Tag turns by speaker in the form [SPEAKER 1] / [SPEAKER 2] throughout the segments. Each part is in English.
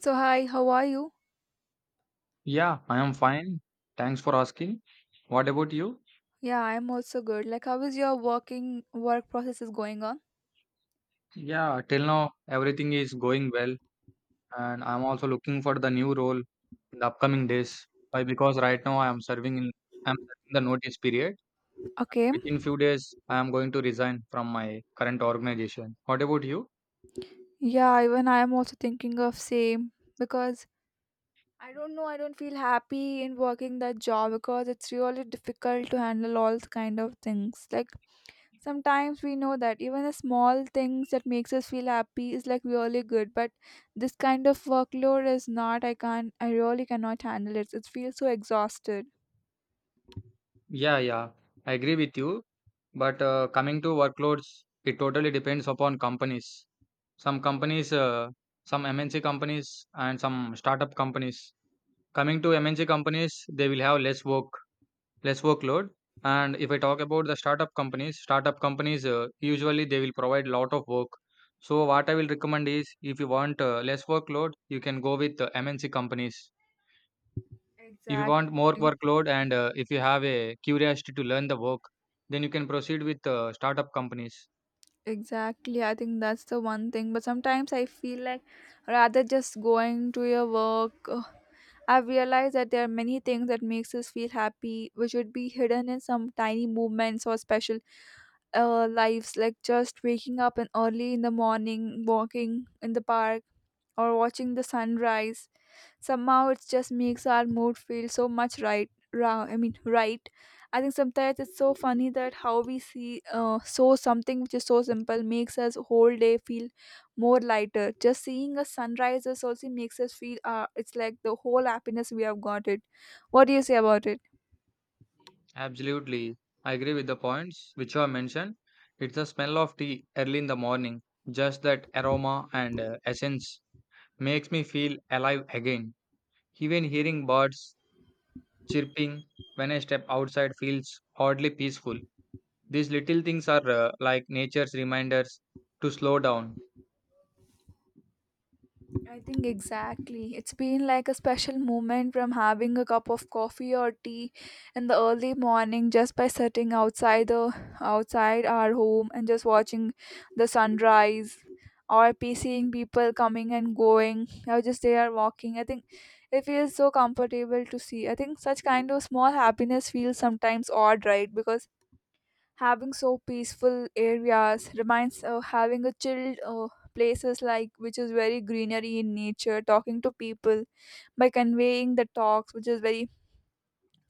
[SPEAKER 1] So hi, how are you?
[SPEAKER 2] Yeah, I am fine. Thanks for asking. What about you?
[SPEAKER 1] Yeah, I'm also good. Like how is your work process is going on?
[SPEAKER 2] Yeah, till now everything is going well, and I'm also looking for the new role in the upcoming days. Why? Because right now I'm serving the notice period.
[SPEAKER 1] Okay.
[SPEAKER 2] Within few days, I am going to resign from my current organization. What about you?
[SPEAKER 1] Yeah, even I am also thinking of same because I don't know, I don't feel happy in working that job because it's really difficult to handle all the kind of things. Like sometimes we know that even the small things that makes us feel happy is like really good, but this kind of workload is not I can't I really cannot handle it. It feels so exhausted.
[SPEAKER 2] Yeah, I agree with you. But coming to workloads, it totally depends upon companies. Some companies, some MNC companies, and some startup companies. Coming to MNC companies, they will have less workload. And if I talk about the startup companies, usually they will provide lot of work. So what I will recommend is, if you want less workload, you can go with mnc companies. If you want more
[SPEAKER 1] Exactly.
[SPEAKER 2] workload, and if you have a curiosity to learn the work, then you can proceed with startup companies.
[SPEAKER 1] Exactly, I think that's the one thing. But sometimes I feel like rather just going to your work, ugh, I've realized that there are many things that makes us feel happy, which would be hidden in some tiny movements or special lives, like just waking up and early in the morning, walking in the park, or watching the sunrise somehow it just makes our mood feel so much right. I think sometimes it's so funny that how we see so something which is so simple makes us whole day feel more lighter just seeing a sunrise is also makes us feel it's like the whole happiness we have got it. What do you say about it?
[SPEAKER 2] Absolutely, I agree with the points which you have mentioned. It's the smell of tea early in the morning, just that aroma and essence makes me feel alive again. Even hearing birds chirping when I step outside feels oddly peaceful. These little things are like nature's reminders to slow down.
[SPEAKER 1] I think exactly. It's been like a special moment from having a cup of coffee or tea in the early morning just by sitting outside our home and just watching the sunrise or be seeing people coming and going or just they are walking. I think it feels so comfortable to see. I think such kind of small happiness feels sometimes odd, right? Because having so peaceful areas reminds having a chilled places like which is very greenery in nature talking to people by conveying the talks which is very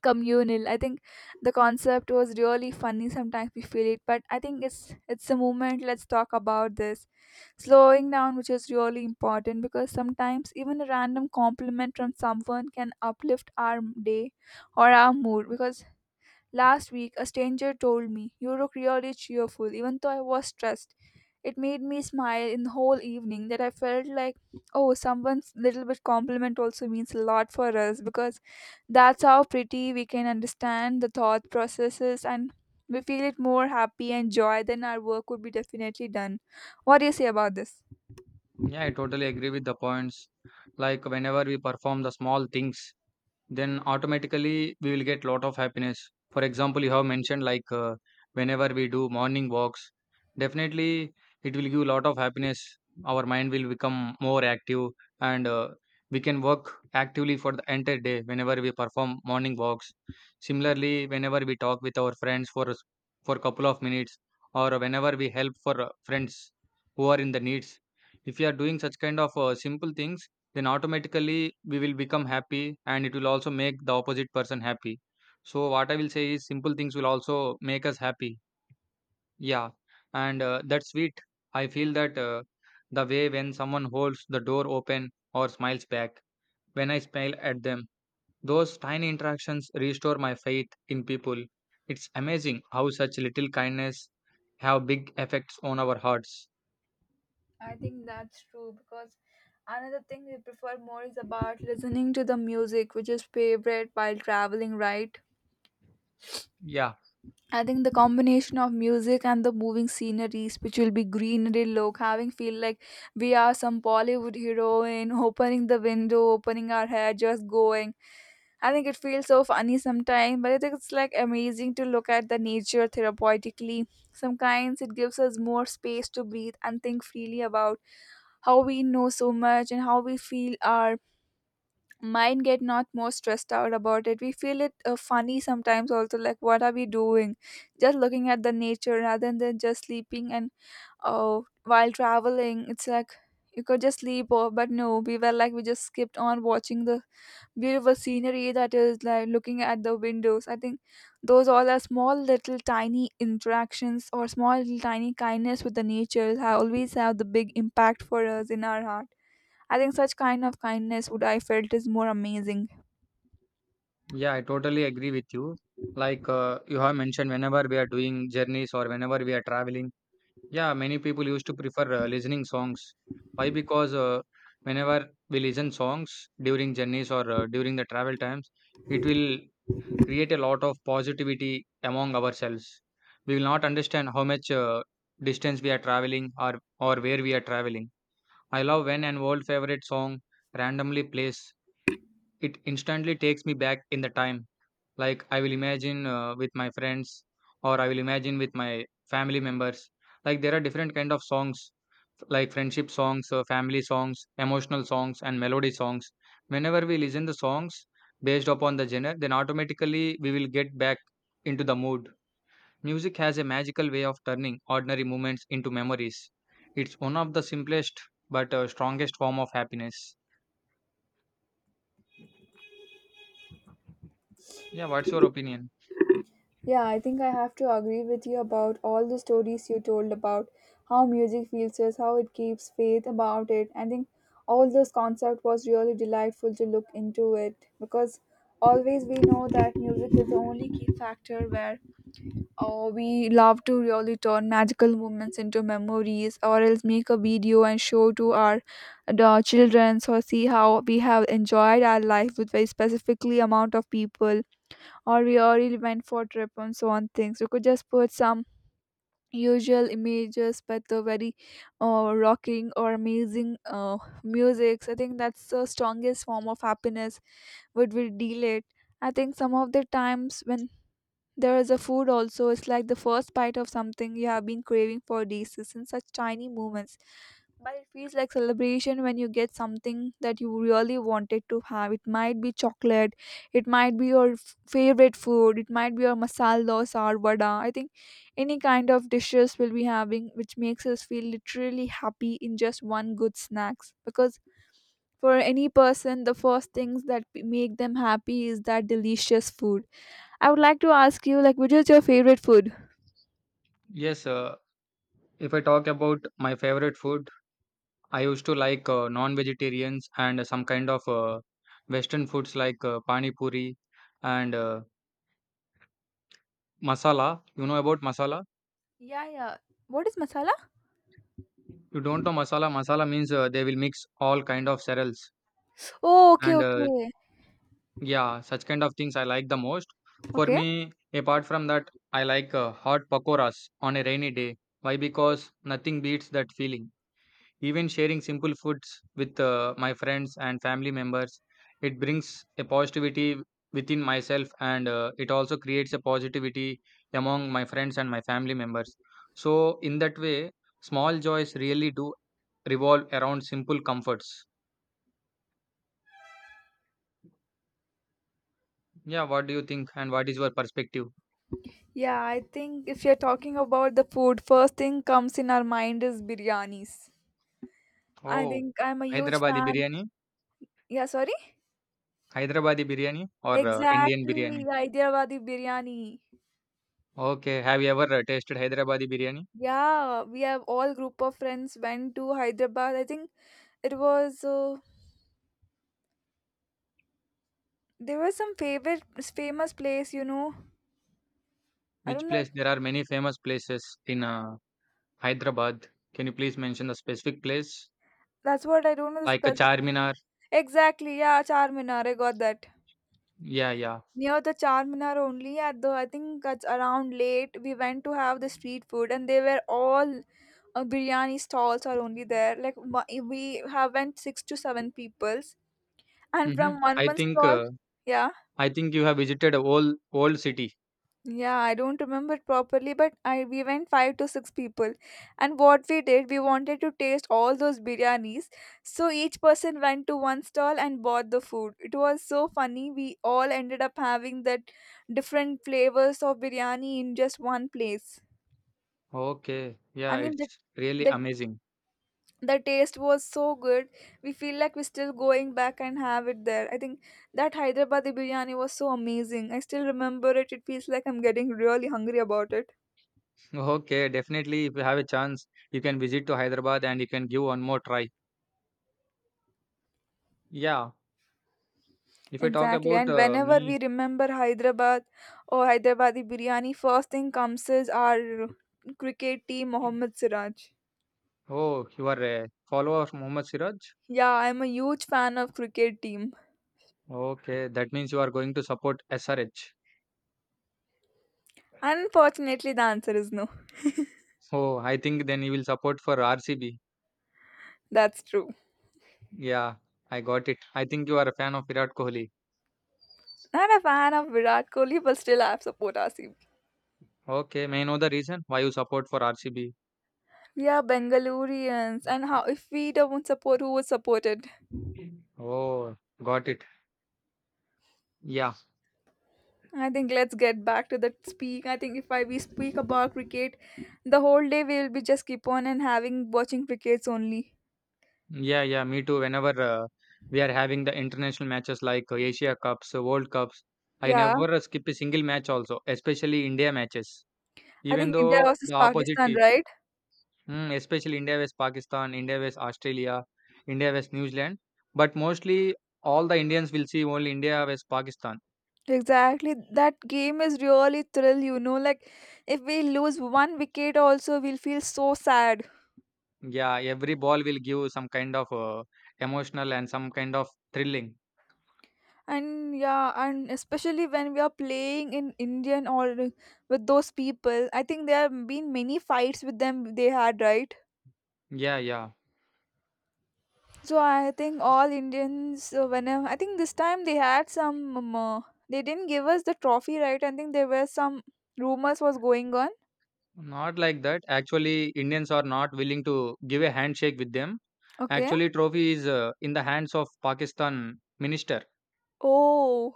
[SPEAKER 1] communal. I think the concept was really funny sometimes we feel it but I think it's a movement. Let's talk about this slowing down which is really important because sometimes even a random compliment from someone can uplift our day or our mood because last week, a stranger told me, you look really cheerful, even though I was stressed. It made me smile in the whole evening that I felt like, oh, someone's little bit compliment also means a lot for us because that's how pretty we can understand the thought processes and we feel it more happy and joy then our work would be definitely done. What do you say about this?
[SPEAKER 2] Yeah, I totally agree with the points. Like whenever we perform the small things, then automatically we will get lot of happiness. For example, you have mentioned like whenever we do morning walks, definitely it will give lot of happiness. Our mind will become more active, and we can work actively for the entire day whenever we perform morning walks. Similarly, whenever we talk with our friends for for couple of minutes, or whenever we help for friends who are in the needs, if we are doing such kind of simple things, then automatically we will become happy, and it will also make the opposite person happy. So what I will say is, simple things will also make us happy. Yeah, and that's sweet. I feel that the way when someone holds the door open or smiles back when I smile at them, those tiny interactions restore my faith in people. It's amazing how such little kindness have big effects on our hearts.
[SPEAKER 1] I think that's true because another thing we prefer more is about listening to the music which is favorite while traveling, right?
[SPEAKER 2] Yeah.
[SPEAKER 1] I think the combination of music and the moving sceneries, which will be greenery look, having feel like we are some Bollywood heroine, opening the window, opening our hair, just going. I think it feels so funny sometimes, but I think it's like amazing to look at the nature therapeutically. Sometimes it gives us more space to breathe and think freely about how we know so much and how we feel our mind get not more stressed out about it. We feel it funny sometimes also like what are we doing just looking at the nature rather than just sleeping and oh while traveling it's like you could just sleep or but no we were like we just skipped on watching the beautiful scenery that is like looking at the windows. I think those all are small little tiny interactions or small little tiny kindness with the nature have always have the big impact for us in our heart. I think such kind of kindness would I felt is more amazing.
[SPEAKER 2] Yeah, I totally agree with you. Like you have mentioned, whenever we are doing journeys or whenever we are traveling, yeah, many people used to prefer listening songs. Why? Because whenever we listen songs during journeys or during the travel times, it will create a lot of positivity among ourselves. We will not understand how much distance we are traveling or where we are traveling. I love when an old favorite song randomly plays. It instantly takes me back in the time. Like I will imagine with my friends, or I will imagine with my family members. Like there are different kind of songs, like friendship songs, family songs, emotional songs and melody songs. Whenever we listen the songs based upon the genre, then automatically we will get back into the mood. Music has a magical way of turning ordinary moments into memories. It's one of the simplest but strongest form of happiness. Yeah, what's your opinion?
[SPEAKER 1] Yeah, I think I have to agree with you about all the stories you told about how music feels us, how it keeps faith about it. I think all this concept was really delightful to look into it because always we know that music is the only key factor where we love to really turn magical moments into memories or else make a video and show to our the children so see how we have enjoyed our life with very specifically amount of people or we already went for trip and so on things you could just put some usual images but the very rocking or amazing music. I think that's the strongest form of happiness would we deal it. I think some of the times when there is a food also it's like the first bite of something you have been craving for days. It's in such tiny moments but it feels like celebration when you get something that you really wanted to have. It might be chocolate, it might be your favorite food, it might be your masala dosa or vada. I think any kind of dishes we'll be having which makes us feel literally happy in just one good snacks because for any person the first things that make them happy is that delicious food. I would like to ask you like which is your favorite food?
[SPEAKER 2] Yes, if I talk about my favorite food, I used to like non-vegetarians and some kind of Western foods like pani puri and masala. You know about masala?
[SPEAKER 1] Yeah, yeah. What is masala?
[SPEAKER 2] You don't know masala? Masala means they will mix all kind of cereals,
[SPEAKER 1] Oh, okay,
[SPEAKER 2] and
[SPEAKER 1] okay.
[SPEAKER 2] yeah, such kind of things I like the most. For
[SPEAKER 1] Okay.
[SPEAKER 2] me, apart from that, I like hot pakoras on a rainy day. Why? Because nothing beats that feeling. Even sharing simple foods with my friends and family members, it brings a positivity within myself, and it also creates a positivity among my friends and my family members. So, in that way, small joys really do revolve around simple comforts. Yeah, what do you think, and what is your perspective?
[SPEAKER 1] Yeah, I think if you're talking about the food, first thing comes in our mind is biryanis. I
[SPEAKER 2] Oh.
[SPEAKER 1] think I'm a huge
[SPEAKER 2] Hyderabadi
[SPEAKER 1] fan.
[SPEAKER 2] biryani,
[SPEAKER 1] Yeah, sorry?
[SPEAKER 2] Hyderabadi biryani or Indian
[SPEAKER 1] Exactly,
[SPEAKER 2] biryani?
[SPEAKER 1] Hyderabadi biryani.
[SPEAKER 2] Okay, have you ever tasted Hyderabadi biryani?
[SPEAKER 1] Yeah, we have all group of friends went to Hyderabad. I think it was there was some favorite famous place, you know. I
[SPEAKER 2] Which
[SPEAKER 1] don't know.
[SPEAKER 2] place? There are many famous places in Hyderabad. Can you please mention the specific place?
[SPEAKER 1] That's what I don't know the
[SPEAKER 2] Like a
[SPEAKER 1] specific.
[SPEAKER 2] Charminar?
[SPEAKER 1] Exactly, yeah, Charminar. I got that.
[SPEAKER 2] Yeah, yeah.
[SPEAKER 1] Near the Charminar only at the I think it's around late we went to have the street food and they were all biryani stalls are only there like we have went six to seven peoples and
[SPEAKER 2] Mm-hmm.
[SPEAKER 1] from one
[SPEAKER 2] I
[SPEAKER 1] one
[SPEAKER 2] think
[SPEAKER 1] stall.
[SPEAKER 2] uh,
[SPEAKER 1] Yeah.
[SPEAKER 2] I think you have visited a old city.
[SPEAKER 1] Yeah, I don't remember properly, but I we went five to six people, and what we did, we wanted to taste all those biryanis. So each person went to one stall and bought the food. It was so funny. We all ended up having that different flavors of biryani in just one place.
[SPEAKER 2] Okay.
[SPEAKER 1] I
[SPEAKER 2] Yeah,
[SPEAKER 1] mean,
[SPEAKER 2] it's really
[SPEAKER 1] the
[SPEAKER 2] amazing.
[SPEAKER 1] the taste was so good. We feel like we're still going back and have it there. I think that Hyderabadi biryani was so amazing. I still remember it. It feels like I'm getting really hungry about it.
[SPEAKER 2] Okay, definitely if you have a chance, you can visit to Hyderabad and you can give one more try. Yeah. If I talk
[SPEAKER 1] Exactly.
[SPEAKER 2] about
[SPEAKER 1] And whenever
[SPEAKER 2] me,
[SPEAKER 1] we remember Hyderabad or Hyderabadi biryani, first thing comes is our cricket team, Mohammad Siraj.
[SPEAKER 2] oh, you are a follower of Mohammad Siraj?
[SPEAKER 1] Yeah, I'm a huge fan of cricket team.
[SPEAKER 2] Okay, that means you are going to support SRH.
[SPEAKER 1] Unfortunately, the answer is no.
[SPEAKER 2] Oh, I think then you will support for RCB.
[SPEAKER 1] That's true.
[SPEAKER 2] Yeah, I got it. I think you are a fan of Virat Kohli.
[SPEAKER 1] Not a fan of Virat Kohli, but still I support RCB.
[SPEAKER 2] Okay, may I know the reason why you support for RCB?
[SPEAKER 1] We are Bengalurians, and how if we don't support, who would support it?
[SPEAKER 2] Oh, got it. Yeah,
[SPEAKER 1] I think let's get back to that speak. I think if I we speak about cricket, the whole day we will be just keep on and having watching crickets only.
[SPEAKER 2] yeah. Me too. Whenever we are having the international matches like Asia Cups, World Cups, I
[SPEAKER 1] Yeah.
[SPEAKER 2] never skip a single match also, especially India matches.
[SPEAKER 1] I
[SPEAKER 2] Even
[SPEAKER 1] think India
[SPEAKER 2] though
[SPEAKER 1] versus
[SPEAKER 2] the opposite
[SPEAKER 1] Pakistan,
[SPEAKER 2] team,
[SPEAKER 1] right?
[SPEAKER 2] mm, especially India vs Pakistan, India vs Australia, India vs New Zealand, but mostly all the Indians will see only India vs Pakistan.
[SPEAKER 1] Exactly. That game is really thrill, you know. Like if we lose one wicket also we'll feel so sad.
[SPEAKER 2] Yeah, every ball will give some kind of emotional and some kind of thrilling.
[SPEAKER 1] And yeah, and especially when we are playing in Indian or with those people. I think there have been many fights with them they had, right?
[SPEAKER 2] Yeah, yeah.
[SPEAKER 1] So I think all Indians whenever I think this time they had some they didn't give us the trophy, right? I think there were some rumors was going on.
[SPEAKER 2] Not like that. Actually, Indians are not willing to give a handshake with them.
[SPEAKER 1] Okay.
[SPEAKER 2] Actually, trophy is in the hands of Pakistan minister.
[SPEAKER 1] Oh.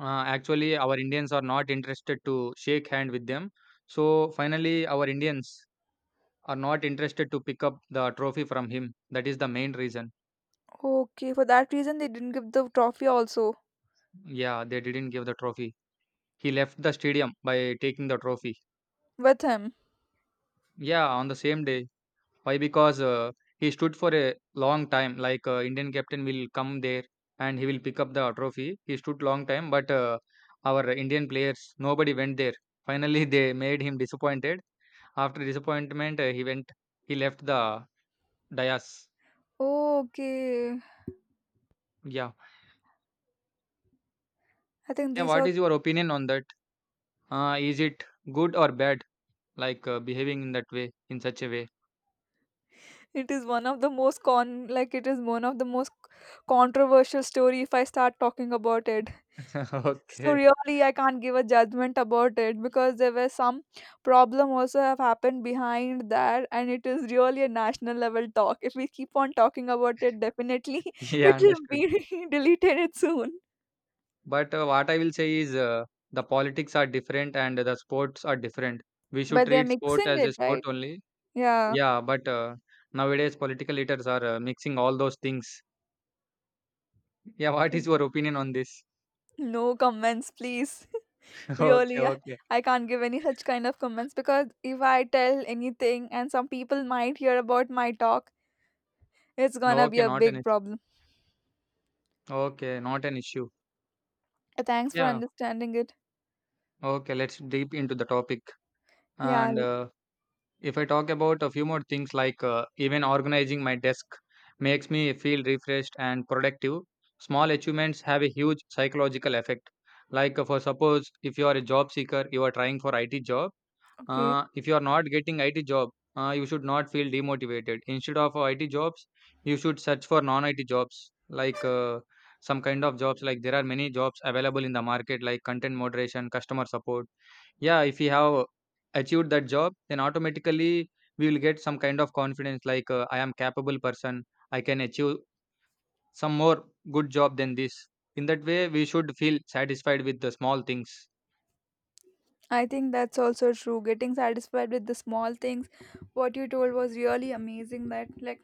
[SPEAKER 2] Actually, our Indians are not interested to shake hand with them. So finally, our Indians are not interested to pick up the trophy from him. That is the main reason.
[SPEAKER 1] Okay, for that reason they didn't give the trophy also
[SPEAKER 2] Yeah, they didn't give the trophy. He left the stadium by taking the trophy.
[SPEAKER 1] with him.
[SPEAKER 2] Yeah, on the same day. Why? Because he stood for a long time. Like Indian captain will come there and he will pick up the trophy. He stood long time, but our Indian players, nobody went there. Finally, they made him disappointed. After disappointment, he went. He left the dais.
[SPEAKER 1] Okay,
[SPEAKER 2] Yeah,
[SPEAKER 1] I think
[SPEAKER 2] yeah.
[SPEAKER 1] these
[SPEAKER 2] What
[SPEAKER 1] are.
[SPEAKER 2] is your opinion on that? Is it good or bad? Like behaving in that way, in such a way.
[SPEAKER 1] It is one of the most controversial story if I start talking about it. So
[SPEAKER 2] Okay.
[SPEAKER 1] really, I can't give a judgment about it because there were some problem also have happened behind that, and it is really a national level talk. If we keep on talking about it, definitely
[SPEAKER 2] Yeah,
[SPEAKER 1] it will
[SPEAKER 2] understood.
[SPEAKER 1] be deleted soon.
[SPEAKER 2] But what I will say is, the politics are different and the sports are different. We should
[SPEAKER 1] But they are
[SPEAKER 2] treat sport
[SPEAKER 1] mixing
[SPEAKER 2] as a
[SPEAKER 1] it,
[SPEAKER 2] sport
[SPEAKER 1] right?
[SPEAKER 2] only.
[SPEAKER 1] Yeah.
[SPEAKER 2] Yeah, but nowadays political leaders are mixing all those things. Yeah, what is your opinion on this?
[SPEAKER 1] No comments, please.
[SPEAKER 2] Okay,
[SPEAKER 1] Really,
[SPEAKER 2] okay.
[SPEAKER 1] I can't give any such kind of comments because if I tell anything and some people might hear about my talk, it's gonna be
[SPEAKER 2] Okay,
[SPEAKER 1] a
[SPEAKER 2] not an
[SPEAKER 1] big
[SPEAKER 2] issue.
[SPEAKER 1] problem.
[SPEAKER 2] Okay, not an issue.
[SPEAKER 1] Thanks for
[SPEAKER 2] Yeah.
[SPEAKER 1] understanding it.
[SPEAKER 2] Okay, let's deep into the topic.
[SPEAKER 1] Yeah,
[SPEAKER 2] And if I talk about a few more things, like even organizing my desk makes me feel refreshed and productive. Small achievements have a huge psychological effect. Like for suppose if you are a job seeker, you are trying for IT job.
[SPEAKER 1] okay.
[SPEAKER 2] If you are not getting IT job, you should not feel demotivated. Instead of IT jobs, you should search for non-IT jobs like some kind of jobs. Like there are many jobs available in the market, like content moderation, customer support. Yeah, if we have achieved that job, then automatically we will get some kind of confidence, like I am capable person. I can achieve some more good job than this. In that way, we should feel satisfied with the small things.
[SPEAKER 1] I think that's also true. Getting satisfied with the small things, what you told was really amazing. That, like,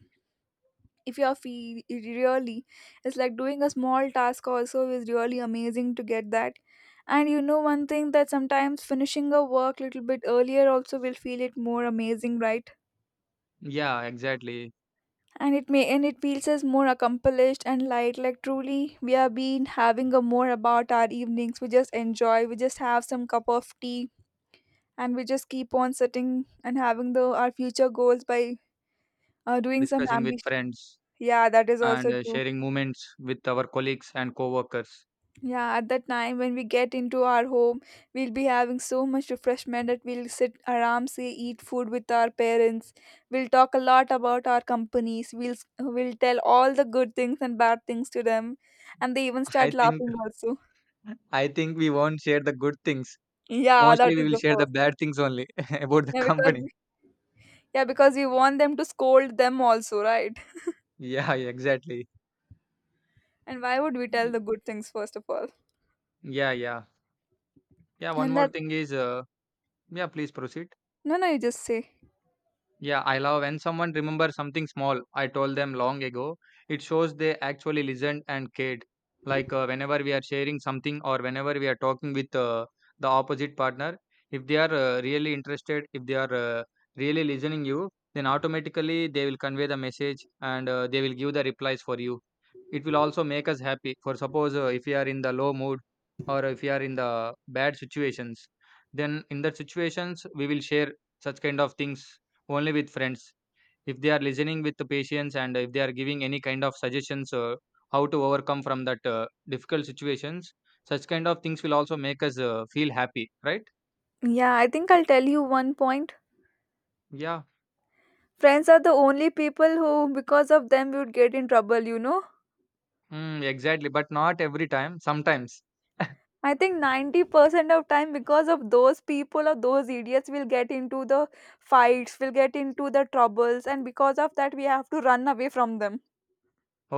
[SPEAKER 1] if you're really it's like doing a small task also is really amazing to get that. And you know one thing that sometimes finishing a work little bit earlier also will feel it more amazing, right?
[SPEAKER 2] Yeah, exactly.
[SPEAKER 1] And it may and it feels as more accomplished and light like truly we have been having a more about our evenings. We just enjoy, we just have some cup of tea and we just keep on sitting and having the our future goals by doing some
[SPEAKER 2] Discussing with
[SPEAKER 1] ambition.
[SPEAKER 2] friends,
[SPEAKER 1] Yeah, that is
[SPEAKER 2] and
[SPEAKER 1] also true.
[SPEAKER 2] sharing moments with our colleagues and co-workers.
[SPEAKER 1] Yeah, at that time when we get into our home, we'll be having so much refreshment that we'll sit aram eat food with our parents. We'll talk a lot about our companies. We'll tell all the good things and bad things to them, and they even
[SPEAKER 2] i
[SPEAKER 1] start
[SPEAKER 2] think
[SPEAKER 1] laughing also.
[SPEAKER 2] I think we won't share the good things.
[SPEAKER 1] Yeah, that
[SPEAKER 2] Mostly we
[SPEAKER 1] is
[SPEAKER 2] will
[SPEAKER 1] the
[SPEAKER 2] share the
[SPEAKER 1] first one.
[SPEAKER 2] bad things only about the
[SPEAKER 1] Yeah, because
[SPEAKER 2] company.
[SPEAKER 1] yeah, because we want them to scold them also, right?
[SPEAKER 2] Yeah, exactly.
[SPEAKER 1] And why would we tell
[SPEAKER 2] Y-
[SPEAKER 1] the good things first of all?
[SPEAKER 2] yeah. Yeah, one
[SPEAKER 1] And
[SPEAKER 2] more
[SPEAKER 1] that
[SPEAKER 2] thing is yeah, please proceed.
[SPEAKER 1] No, no, you just say.
[SPEAKER 2] Yeah, I love when someone remembers something small I told them long ago. It shows they actually listened and cared. Like whenever we are sharing something, or whenever we are talking with the opposite partner, if they are really interested, if they are really listening you, then automatically they will convey the message, and they will give the replies for you. It will also make us happy. For suppose if we are in the low mood, or if we are in the bad situations, then in that situations we will share such kind of things only with friends. If they are listening with the patience, and if they are giving any kind of suggestions, how to overcome from that difficult situations, such kind of things will also make us feel happy, right?
[SPEAKER 1] Yeah, I think I'll tell you one point.
[SPEAKER 2] Yeah,
[SPEAKER 1] Friends are the only people who, because of them, we would get in trouble, you know.
[SPEAKER 2] mm, exactly. But not every time. Sometimes.
[SPEAKER 1] I think 90% of time, because of those people or those idiots, we'll get into the fights, we'll get into the troubles, and because of that, we have to run away from them.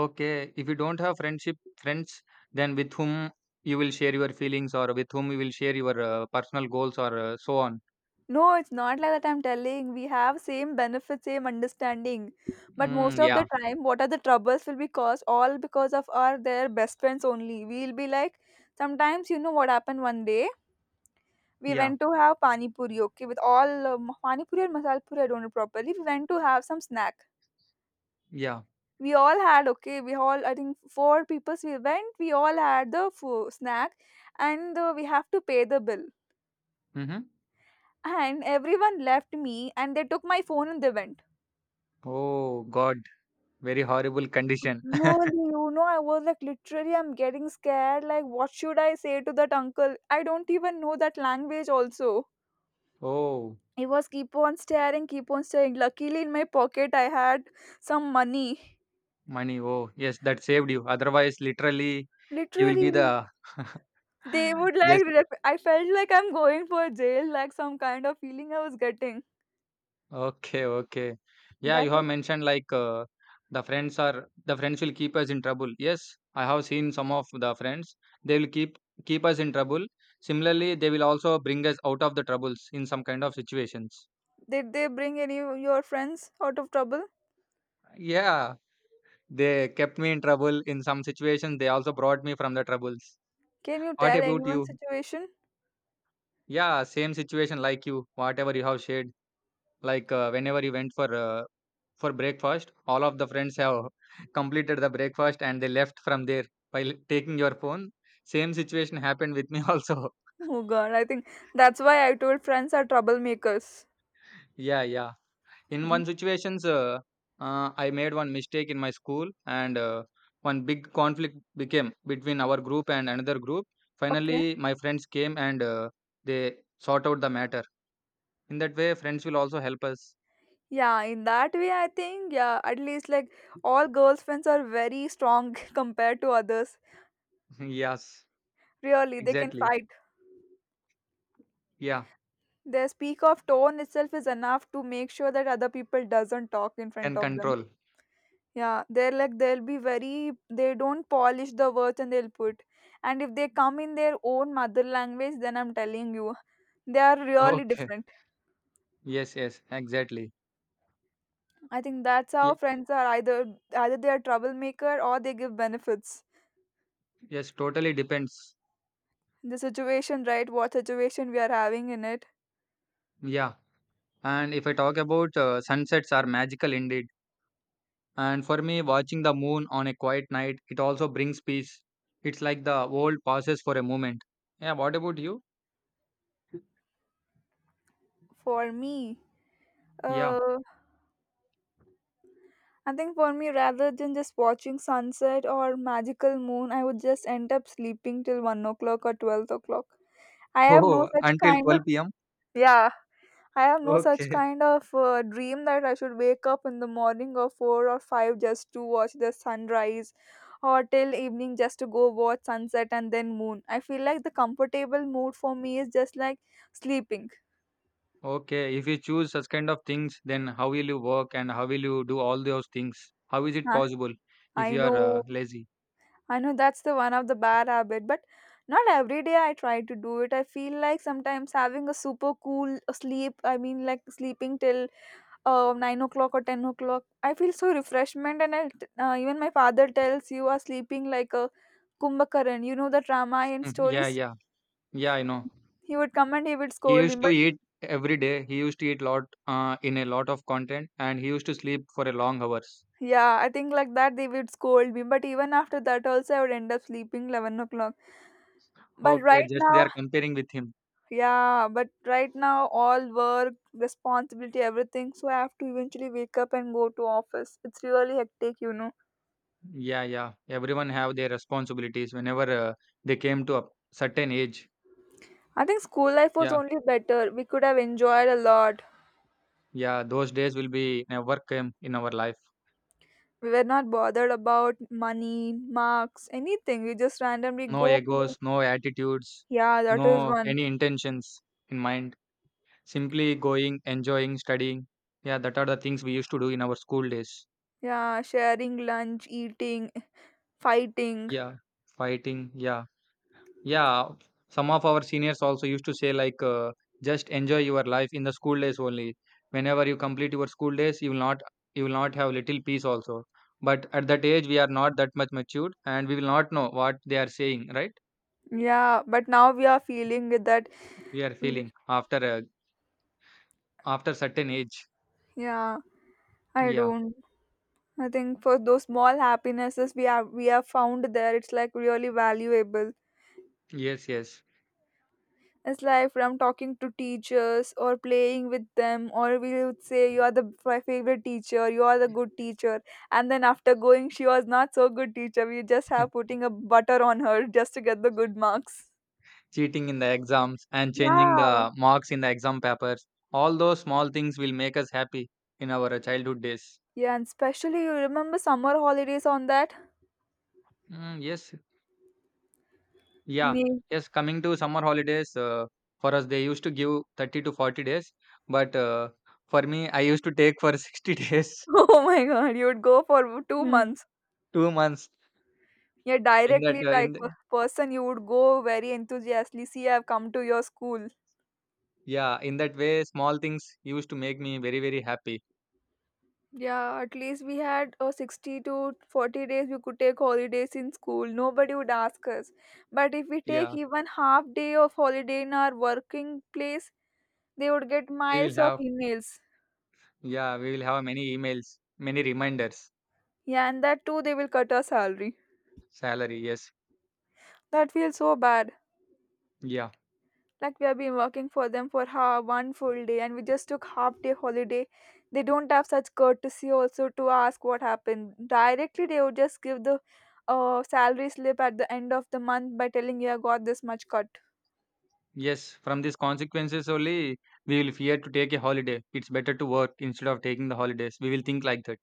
[SPEAKER 2] Okay. If you don't have friendship friends, then with whom you will share your feelings, or with whom you will share your personal goals or so on.
[SPEAKER 1] No, it's not like that. I'm telling we have same benefits, same understanding, but most
[SPEAKER 2] Mm,
[SPEAKER 1] of the
[SPEAKER 2] yeah,
[SPEAKER 1] time, what are the troubles will be caused all because of our their best friends only. We'll be like, sometimes you know what happened one day. We
[SPEAKER 2] yeah,
[SPEAKER 1] went to have pani puri, okay, with all pani puri and masal puri. I don't know properly. We went to have some snack.
[SPEAKER 2] yeah.
[SPEAKER 1] We all had okay. We all I think four people. We went. We all had the snack, and we have to pay the bill.
[SPEAKER 2] Mm-hmm.
[SPEAKER 1] And everyone left me, and they took my phone and they went.
[SPEAKER 2] Oh God, very horrible condition.
[SPEAKER 1] Really, you know, I was like literally, I'm getting scared. Like, what should I say to that uncle? I don't even know that language, also.
[SPEAKER 2] Oh,
[SPEAKER 1] He was keep on staring, keep on staring. Luckily, in my pocket, I had some money.
[SPEAKER 2] money. Oh, yes, that saved you. Otherwise, literally, you will be
[SPEAKER 1] Literally,
[SPEAKER 2] the
[SPEAKER 1] they would
[SPEAKER 2] yes,
[SPEAKER 1] like. I felt like I'm going for jail, like some kind of feeling I was getting.
[SPEAKER 2] okay, okay. Yeah, you
[SPEAKER 1] That
[SPEAKER 2] have
[SPEAKER 1] was.
[SPEAKER 2] mentioned like the friends will keep us in trouble. Yes, I have seen some of the friends. They will keep us in trouble. Similarly, they will also bring us out of the troubles in some kind of situations.
[SPEAKER 1] Did they bring any of your friends out of trouble?
[SPEAKER 2] Yeah, they kept me in trouble in some situations. They also brought me from the troubles.
[SPEAKER 1] Can you
[SPEAKER 2] What
[SPEAKER 1] tell
[SPEAKER 2] about
[SPEAKER 1] anyone's
[SPEAKER 2] you?
[SPEAKER 1] situation?
[SPEAKER 2] Yeah, same situation like you. Whatever you have shared, like whenever you went for breakfast. All of the friends have completed the breakfast and they left from there taking your phone. Same situation happened with me also.
[SPEAKER 1] Oh God, I think that's why I told friends are troublemakers.
[SPEAKER 2] Yeah, yeah. In
[SPEAKER 1] Mm.
[SPEAKER 2] one situations, I made one mistake in my school and one big conflict became between our group and another group.
[SPEAKER 1] Okay.
[SPEAKER 2] Finally, my friends came and they sort out the matter. In that way, friends will also help us.
[SPEAKER 1] Yeah, in that way, I think, yeah, at least like all girls' friends are very strong compared to others.
[SPEAKER 2] Yes,
[SPEAKER 1] Really, they can
[SPEAKER 2] exactly.
[SPEAKER 1] fight.
[SPEAKER 2] Yeah,
[SPEAKER 1] Their speak of tone itself is enough to make sure that other people doesn't talk in front
[SPEAKER 2] can
[SPEAKER 1] of them.
[SPEAKER 2] control.
[SPEAKER 1] Yeah, they're like they'll be very they don't polish the words and they'll put. And if they come in their own mother language, then I'm telling you, they are really
[SPEAKER 2] Okay.
[SPEAKER 1] different.
[SPEAKER 2] Yes, yes, exactly.
[SPEAKER 1] I think that's
[SPEAKER 2] Yeah,
[SPEAKER 1] how friends are either they are troublemaker or they give benefits.
[SPEAKER 2] yes, totally depends.
[SPEAKER 1] The situation, right? What situation we are having in it.
[SPEAKER 2] Yeah. And if I talk about sunsets are magical indeed. And for me, watching the moon on a quiet night, it also brings peace. It's like the world pauses for a moment. Yeah, what about you?
[SPEAKER 1] For me,
[SPEAKER 2] Yeah.
[SPEAKER 1] uh, I think for me, rather than just watching sunset or magical moon, I would just end up sleeping till 1 o'clock or 12 o'clock. I have no
[SPEAKER 2] Oh,
[SPEAKER 1] such
[SPEAKER 2] until
[SPEAKER 1] kind of
[SPEAKER 2] 12 p.m.
[SPEAKER 1] Yeah, I have no such
[SPEAKER 2] Okay.
[SPEAKER 1] kind of dream that I should wake up in the morning or 4 or 5 just to watch the sunrise or till evening just to go watch sunset and then moon. I feel like the comfortable mood for me is just like sleeping.
[SPEAKER 2] Okay. If you choose such kind of things, then how will you work and how will you do all those things? How is it
[SPEAKER 1] Huh,
[SPEAKER 2] possible if
[SPEAKER 1] I
[SPEAKER 2] you are
[SPEAKER 1] know
[SPEAKER 2] lazy?
[SPEAKER 1] I know that's the one of the bad habit, but not every day I try to do it. I feel like sometimes having a super cool sleep, I mean like sleeping till 9 o'clock or 10 o'clock. I feel so refreshment, and I even my father tells you are sleeping like a kumbhakaran, you know, the drama and
[SPEAKER 2] Mm, yeah,
[SPEAKER 1] stories.
[SPEAKER 2] yeah. Yeah, I know.
[SPEAKER 1] He would come and he would
[SPEAKER 2] He
[SPEAKER 1] scold me,
[SPEAKER 2] used to
[SPEAKER 1] but
[SPEAKER 2] eat every day. He used to eat lot in a lot of content, and he used to sleep for a long hours.
[SPEAKER 1] yeah, I think like that they would scold me, but even after that also I would end up sleeping 11 o'clock, but
[SPEAKER 2] Okay,
[SPEAKER 1] right
[SPEAKER 2] just they
[SPEAKER 1] now
[SPEAKER 2] are comparing with him.
[SPEAKER 1] yeah but right now all work, responsibility, everything, so I have to eventually wake up and go to office. It's really hectic, you know.
[SPEAKER 2] Yeah, yeah. Everyone have their responsibilities whenever they came to a certain age.
[SPEAKER 1] I think school life was
[SPEAKER 2] Yeah,
[SPEAKER 1] only better. We could have enjoyed a lot.
[SPEAKER 2] yeah. Those days will be never came in our life.
[SPEAKER 1] We were not bothered about money, marks, anything. We just randomly
[SPEAKER 2] No
[SPEAKER 1] go play.
[SPEAKER 2] egos, no attitudes,
[SPEAKER 1] Yeah, that is
[SPEAKER 2] no
[SPEAKER 1] one.
[SPEAKER 2] any intentions in mind. Simply going, enjoying, studying. Yeah, that are the things we used to do in our school days.
[SPEAKER 1] Yeah, sharing lunch, eating, fighting.
[SPEAKER 2] Yeah, fighting. Yeah. Yeah, some of our seniors also used to say like just enjoy your life in the school days only. Whenever you complete your school days, you will not have little peace also. But at that age, we are not that much matured, and we will not know what they are saying. Right?
[SPEAKER 1] Yeah, but now we are feeling it that.
[SPEAKER 2] We are feeling after certain age.
[SPEAKER 1] Yeah, I
[SPEAKER 2] Yeah.
[SPEAKER 1] don't. I think for those small happinesses we have found there, it's like really valuable.
[SPEAKER 2] Yes. Yes.
[SPEAKER 1] It's like from talking to teachers or playing with them, or we would say, "You are the my favorite teacher, you are the good teacher." And then after going, she was not so good teacher. We just have putting a butter on her just to get the good marks.
[SPEAKER 2] Cheating in the exams and changing
[SPEAKER 1] Yeah.
[SPEAKER 2] the marks in the exam papers. All those small things will make us happy in our childhood days.
[SPEAKER 1] Yeah, and especially you remember summer holidays on that?
[SPEAKER 2] Mm, yes. Yeah.
[SPEAKER 1] Nee.
[SPEAKER 2] Yes, coming to summer holidays, for us, they used to give 30 to 40 days. But for me, I used to take for 60 days,
[SPEAKER 1] Oh my god, you would go for 2 months.
[SPEAKER 2] 2 months.
[SPEAKER 1] Yeah,
[SPEAKER 2] In
[SPEAKER 1] directly
[SPEAKER 2] that, in
[SPEAKER 1] like
[SPEAKER 2] the,
[SPEAKER 1] a person you would go very enthusiastically. See, I've come to your school.
[SPEAKER 2] Yeah, in that way, small things used to make me very, very happy.
[SPEAKER 1] Yeah, at least we had 60 to 40 days we could take holidays in school. Nobody would ask us. But if we take
[SPEAKER 2] Yeah,
[SPEAKER 1] even half day of holiday in our working place, they would get
[SPEAKER 2] we will
[SPEAKER 1] miles of
[SPEAKER 2] have,
[SPEAKER 1] emails.
[SPEAKER 2] yeah, we will have many emails, many reminders,
[SPEAKER 1] Yeah, and that too they will cut our salary.
[SPEAKER 2] salary. Yes,
[SPEAKER 1] That feels so bad.
[SPEAKER 2] yeah,
[SPEAKER 1] Like we have been working for them for one full day and we just took half day holiday. They don't have such courtesy also to ask what happened. Directly they would just give the salary slip at the end of the month by telling you I got this much cut.
[SPEAKER 2] yes. From these consequences only, we will fear to take a holiday. It's better to work instead of taking the holidays. We will think like that.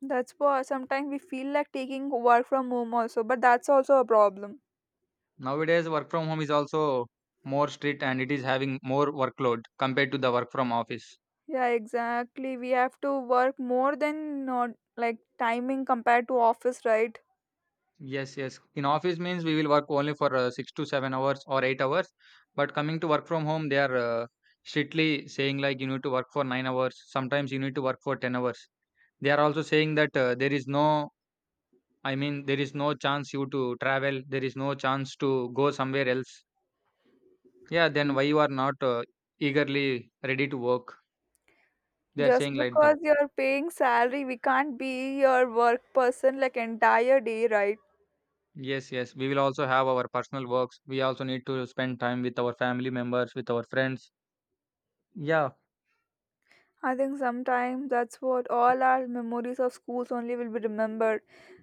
[SPEAKER 1] That's why sometimes we feel like taking work from home also, but that's also a problem.
[SPEAKER 2] Nowadays, work from home is also more strict and it is having more workload compared to the work from office.
[SPEAKER 1] Yeah, exactly. We have to work more than not like timing compared to office, right?
[SPEAKER 2] Yes, yes. In office means we will work only for 6 to 7 hours or 8 hours. But coming to work from home, they are strictly saying like you need to work for 9 hours. Sometimes you need to work for 10 hours. They are also saying that there is no, I mean, there is no chance you to travel. There is no chance to go somewhere else. Yeah, then why you are not eagerly ready to work? They are
[SPEAKER 1] Just
[SPEAKER 2] saying like that.
[SPEAKER 1] because you're paying salary, we can't be your work person like entire day, right?
[SPEAKER 2] Yes, yes. We will also have our personal works. We also need to spend time with our family members, with our friends. Yeah.
[SPEAKER 1] I think sometimes that's what all our memories of schools only will be remembered.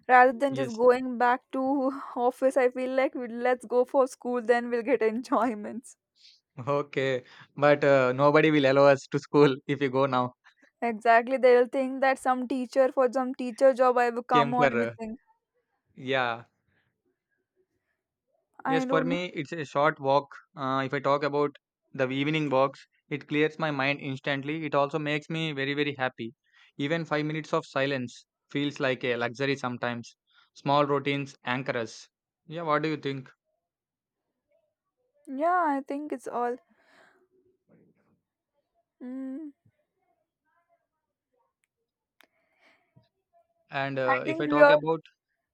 [SPEAKER 1] Rather than just
[SPEAKER 2] Yes.
[SPEAKER 1] going back to office, I feel like we let's go for school, then we'll get enjoyments.
[SPEAKER 2] Okay. But nobody will allow us to school if you go now.
[SPEAKER 1] Exactly, they will think that some teacher for some teacher job I will come
[SPEAKER 2] Came
[SPEAKER 1] or
[SPEAKER 2] for.
[SPEAKER 1] anything.
[SPEAKER 2] Yeah. Yes,
[SPEAKER 1] I
[SPEAKER 2] for
[SPEAKER 1] don't know.
[SPEAKER 2] me, it's a short walk. If I talk about the evening walks, it clears my mind instantly. It also makes me very, very happy. Even 5 minutes of silence feels like a luxury sometimes. Small routines anchor us. Yeah, what do you think?
[SPEAKER 1] Yeah, I think it's all. Mm.
[SPEAKER 2] And
[SPEAKER 1] I
[SPEAKER 2] uh, if
[SPEAKER 1] think
[SPEAKER 2] I
[SPEAKER 1] we
[SPEAKER 2] talk
[SPEAKER 1] are
[SPEAKER 2] about,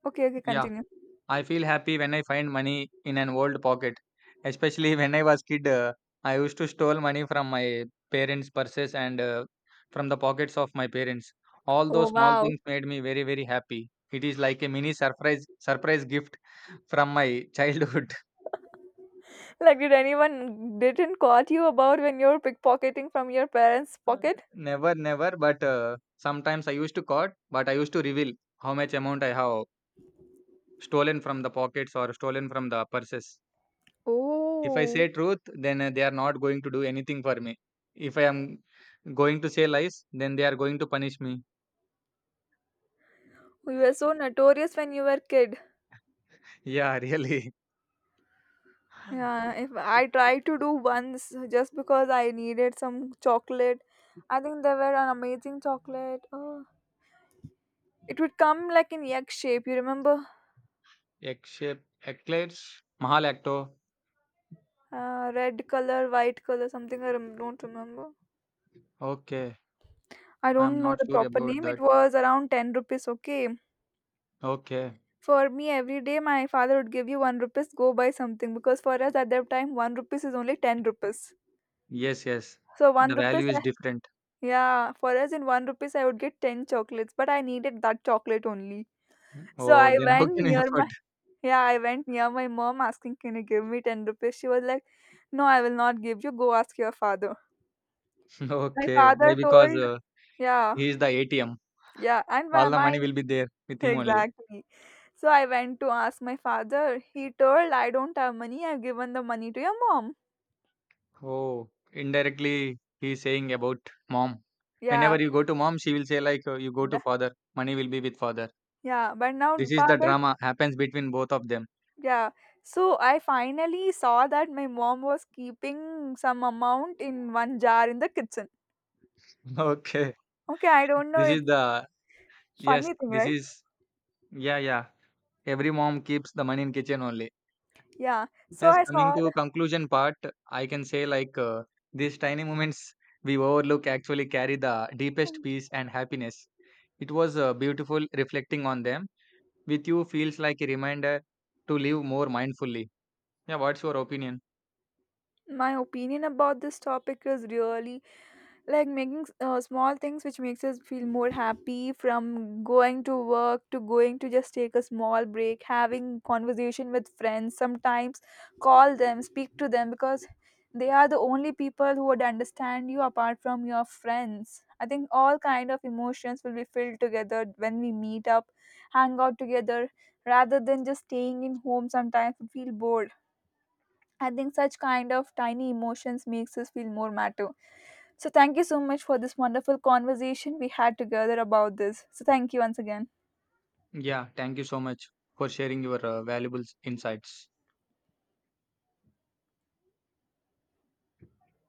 [SPEAKER 1] okay. Okay,
[SPEAKER 2] yeah.
[SPEAKER 1] continue.
[SPEAKER 2] I feel happy when I find money in an old pocket. Especially when I was kid, I used to steal money from my parents' purses and from the pockets of my parents. All
[SPEAKER 1] Oh
[SPEAKER 2] those small
[SPEAKER 1] wow!
[SPEAKER 2] things made me very very happy. It is like a mini surprise gift from my childhood.
[SPEAKER 1] Like, did anyone didn't caught you about when you were pickpocketing from your parents'
[SPEAKER 2] Okay.
[SPEAKER 1] pocket?
[SPEAKER 2] Never, never, but sometimes I used to caught, but I used to reveal how much amount I have stolen from the pockets or stolen from the purses. If I
[SPEAKER 1] Oh,
[SPEAKER 2] say truth, then they are not going to do anything for me. If I am going to say lies, then they are going to punish me.
[SPEAKER 1] we were so notorious when you were kid.
[SPEAKER 2] Yeah, really.
[SPEAKER 1] Yeah, if I tried to do once just because I needed some chocolate, I think they were an amazing chocolate. Oh, it would come like in egg shape. You remember?
[SPEAKER 2] Except eclairs, Mahal Acto.
[SPEAKER 1] Red color, white color, something I don't remember.
[SPEAKER 2] Okay,
[SPEAKER 1] I
[SPEAKER 2] I'm
[SPEAKER 1] don't know
[SPEAKER 2] not
[SPEAKER 1] the
[SPEAKER 2] sure
[SPEAKER 1] proper
[SPEAKER 2] about
[SPEAKER 1] name. It
[SPEAKER 2] that.
[SPEAKER 1] was around 10 rupees, okay?
[SPEAKER 2] Okay,
[SPEAKER 1] For me, every day my father would give you 1 rupees, go buy something. Because for us at that time, 1 rupees is only 10 rupees.
[SPEAKER 2] yes, yes.
[SPEAKER 1] So 1
[SPEAKER 2] The
[SPEAKER 1] rupees,
[SPEAKER 2] value is different.
[SPEAKER 1] yeah, for us in 1 rupees, I would get 10 chocolates. But I needed that chocolate only. So
[SPEAKER 2] Oh,
[SPEAKER 1] I
[SPEAKER 2] then how
[SPEAKER 1] went
[SPEAKER 2] can I
[SPEAKER 1] near my
[SPEAKER 2] afford?
[SPEAKER 1] yeah, I went near my mom asking, "Can you give me 10 rupees?" She was like, "No, I will not give you. Go ask your father." My
[SPEAKER 2] Okay, why?
[SPEAKER 1] father
[SPEAKER 2] Because
[SPEAKER 1] told,
[SPEAKER 2] uh,
[SPEAKER 1] Yeah.
[SPEAKER 2] he is the ATM.
[SPEAKER 1] Yeah, and my,
[SPEAKER 2] All the
[SPEAKER 1] my
[SPEAKER 2] money will be there with him only.
[SPEAKER 1] exactly. So I went to ask my father. He told I don't have money. I've given the money to your mom.
[SPEAKER 2] Oh, indirectly he's saying about mom.
[SPEAKER 1] Yeah,
[SPEAKER 2] Whenever you go to mom, she will say like you go to
[SPEAKER 1] th-
[SPEAKER 2] father, money will be with father.
[SPEAKER 1] yeah.
[SPEAKER 2] This is the drama happens between both of them.
[SPEAKER 1] Yeah. So I finally saw that my mom was keeping some amount in one jar in the kitchen.
[SPEAKER 2] Okay.
[SPEAKER 1] Okay, I don't know.
[SPEAKER 2] This is
[SPEAKER 1] It's
[SPEAKER 2] the yes,
[SPEAKER 1] funny thing,
[SPEAKER 2] this
[SPEAKER 1] right?
[SPEAKER 2] is yeah, yeah. Every mom keeps the money in kitchen only.
[SPEAKER 1] Yeah. So
[SPEAKER 2] Yes,
[SPEAKER 1] I
[SPEAKER 2] coming
[SPEAKER 1] saw
[SPEAKER 2] to
[SPEAKER 1] that
[SPEAKER 2] conclusion part, I can say like these tiny moments we overlook actually carry the deepest peace and happiness. It was beautiful reflecting on them. With you feels like a reminder to live more mindfully. Yeah, what's your opinion?
[SPEAKER 1] my opinion about this topic is really like making small things which makes us feel more happy, from going to work to going to just take a small break, having conversation with friends. Sometimes call them, speak to them, because they are the only people who would understand you apart from your friends. I think all kind of emotions will be filled together when we meet up, hang out together, rather than just staying in home. Sometimes we feel bored. I think such kind of tiny emotions makes us feel more matter. So, thank you so much for this wonderful conversation we had together about this. So, thank you once again.
[SPEAKER 2] Yeah, thank you so much for sharing your valuable insights.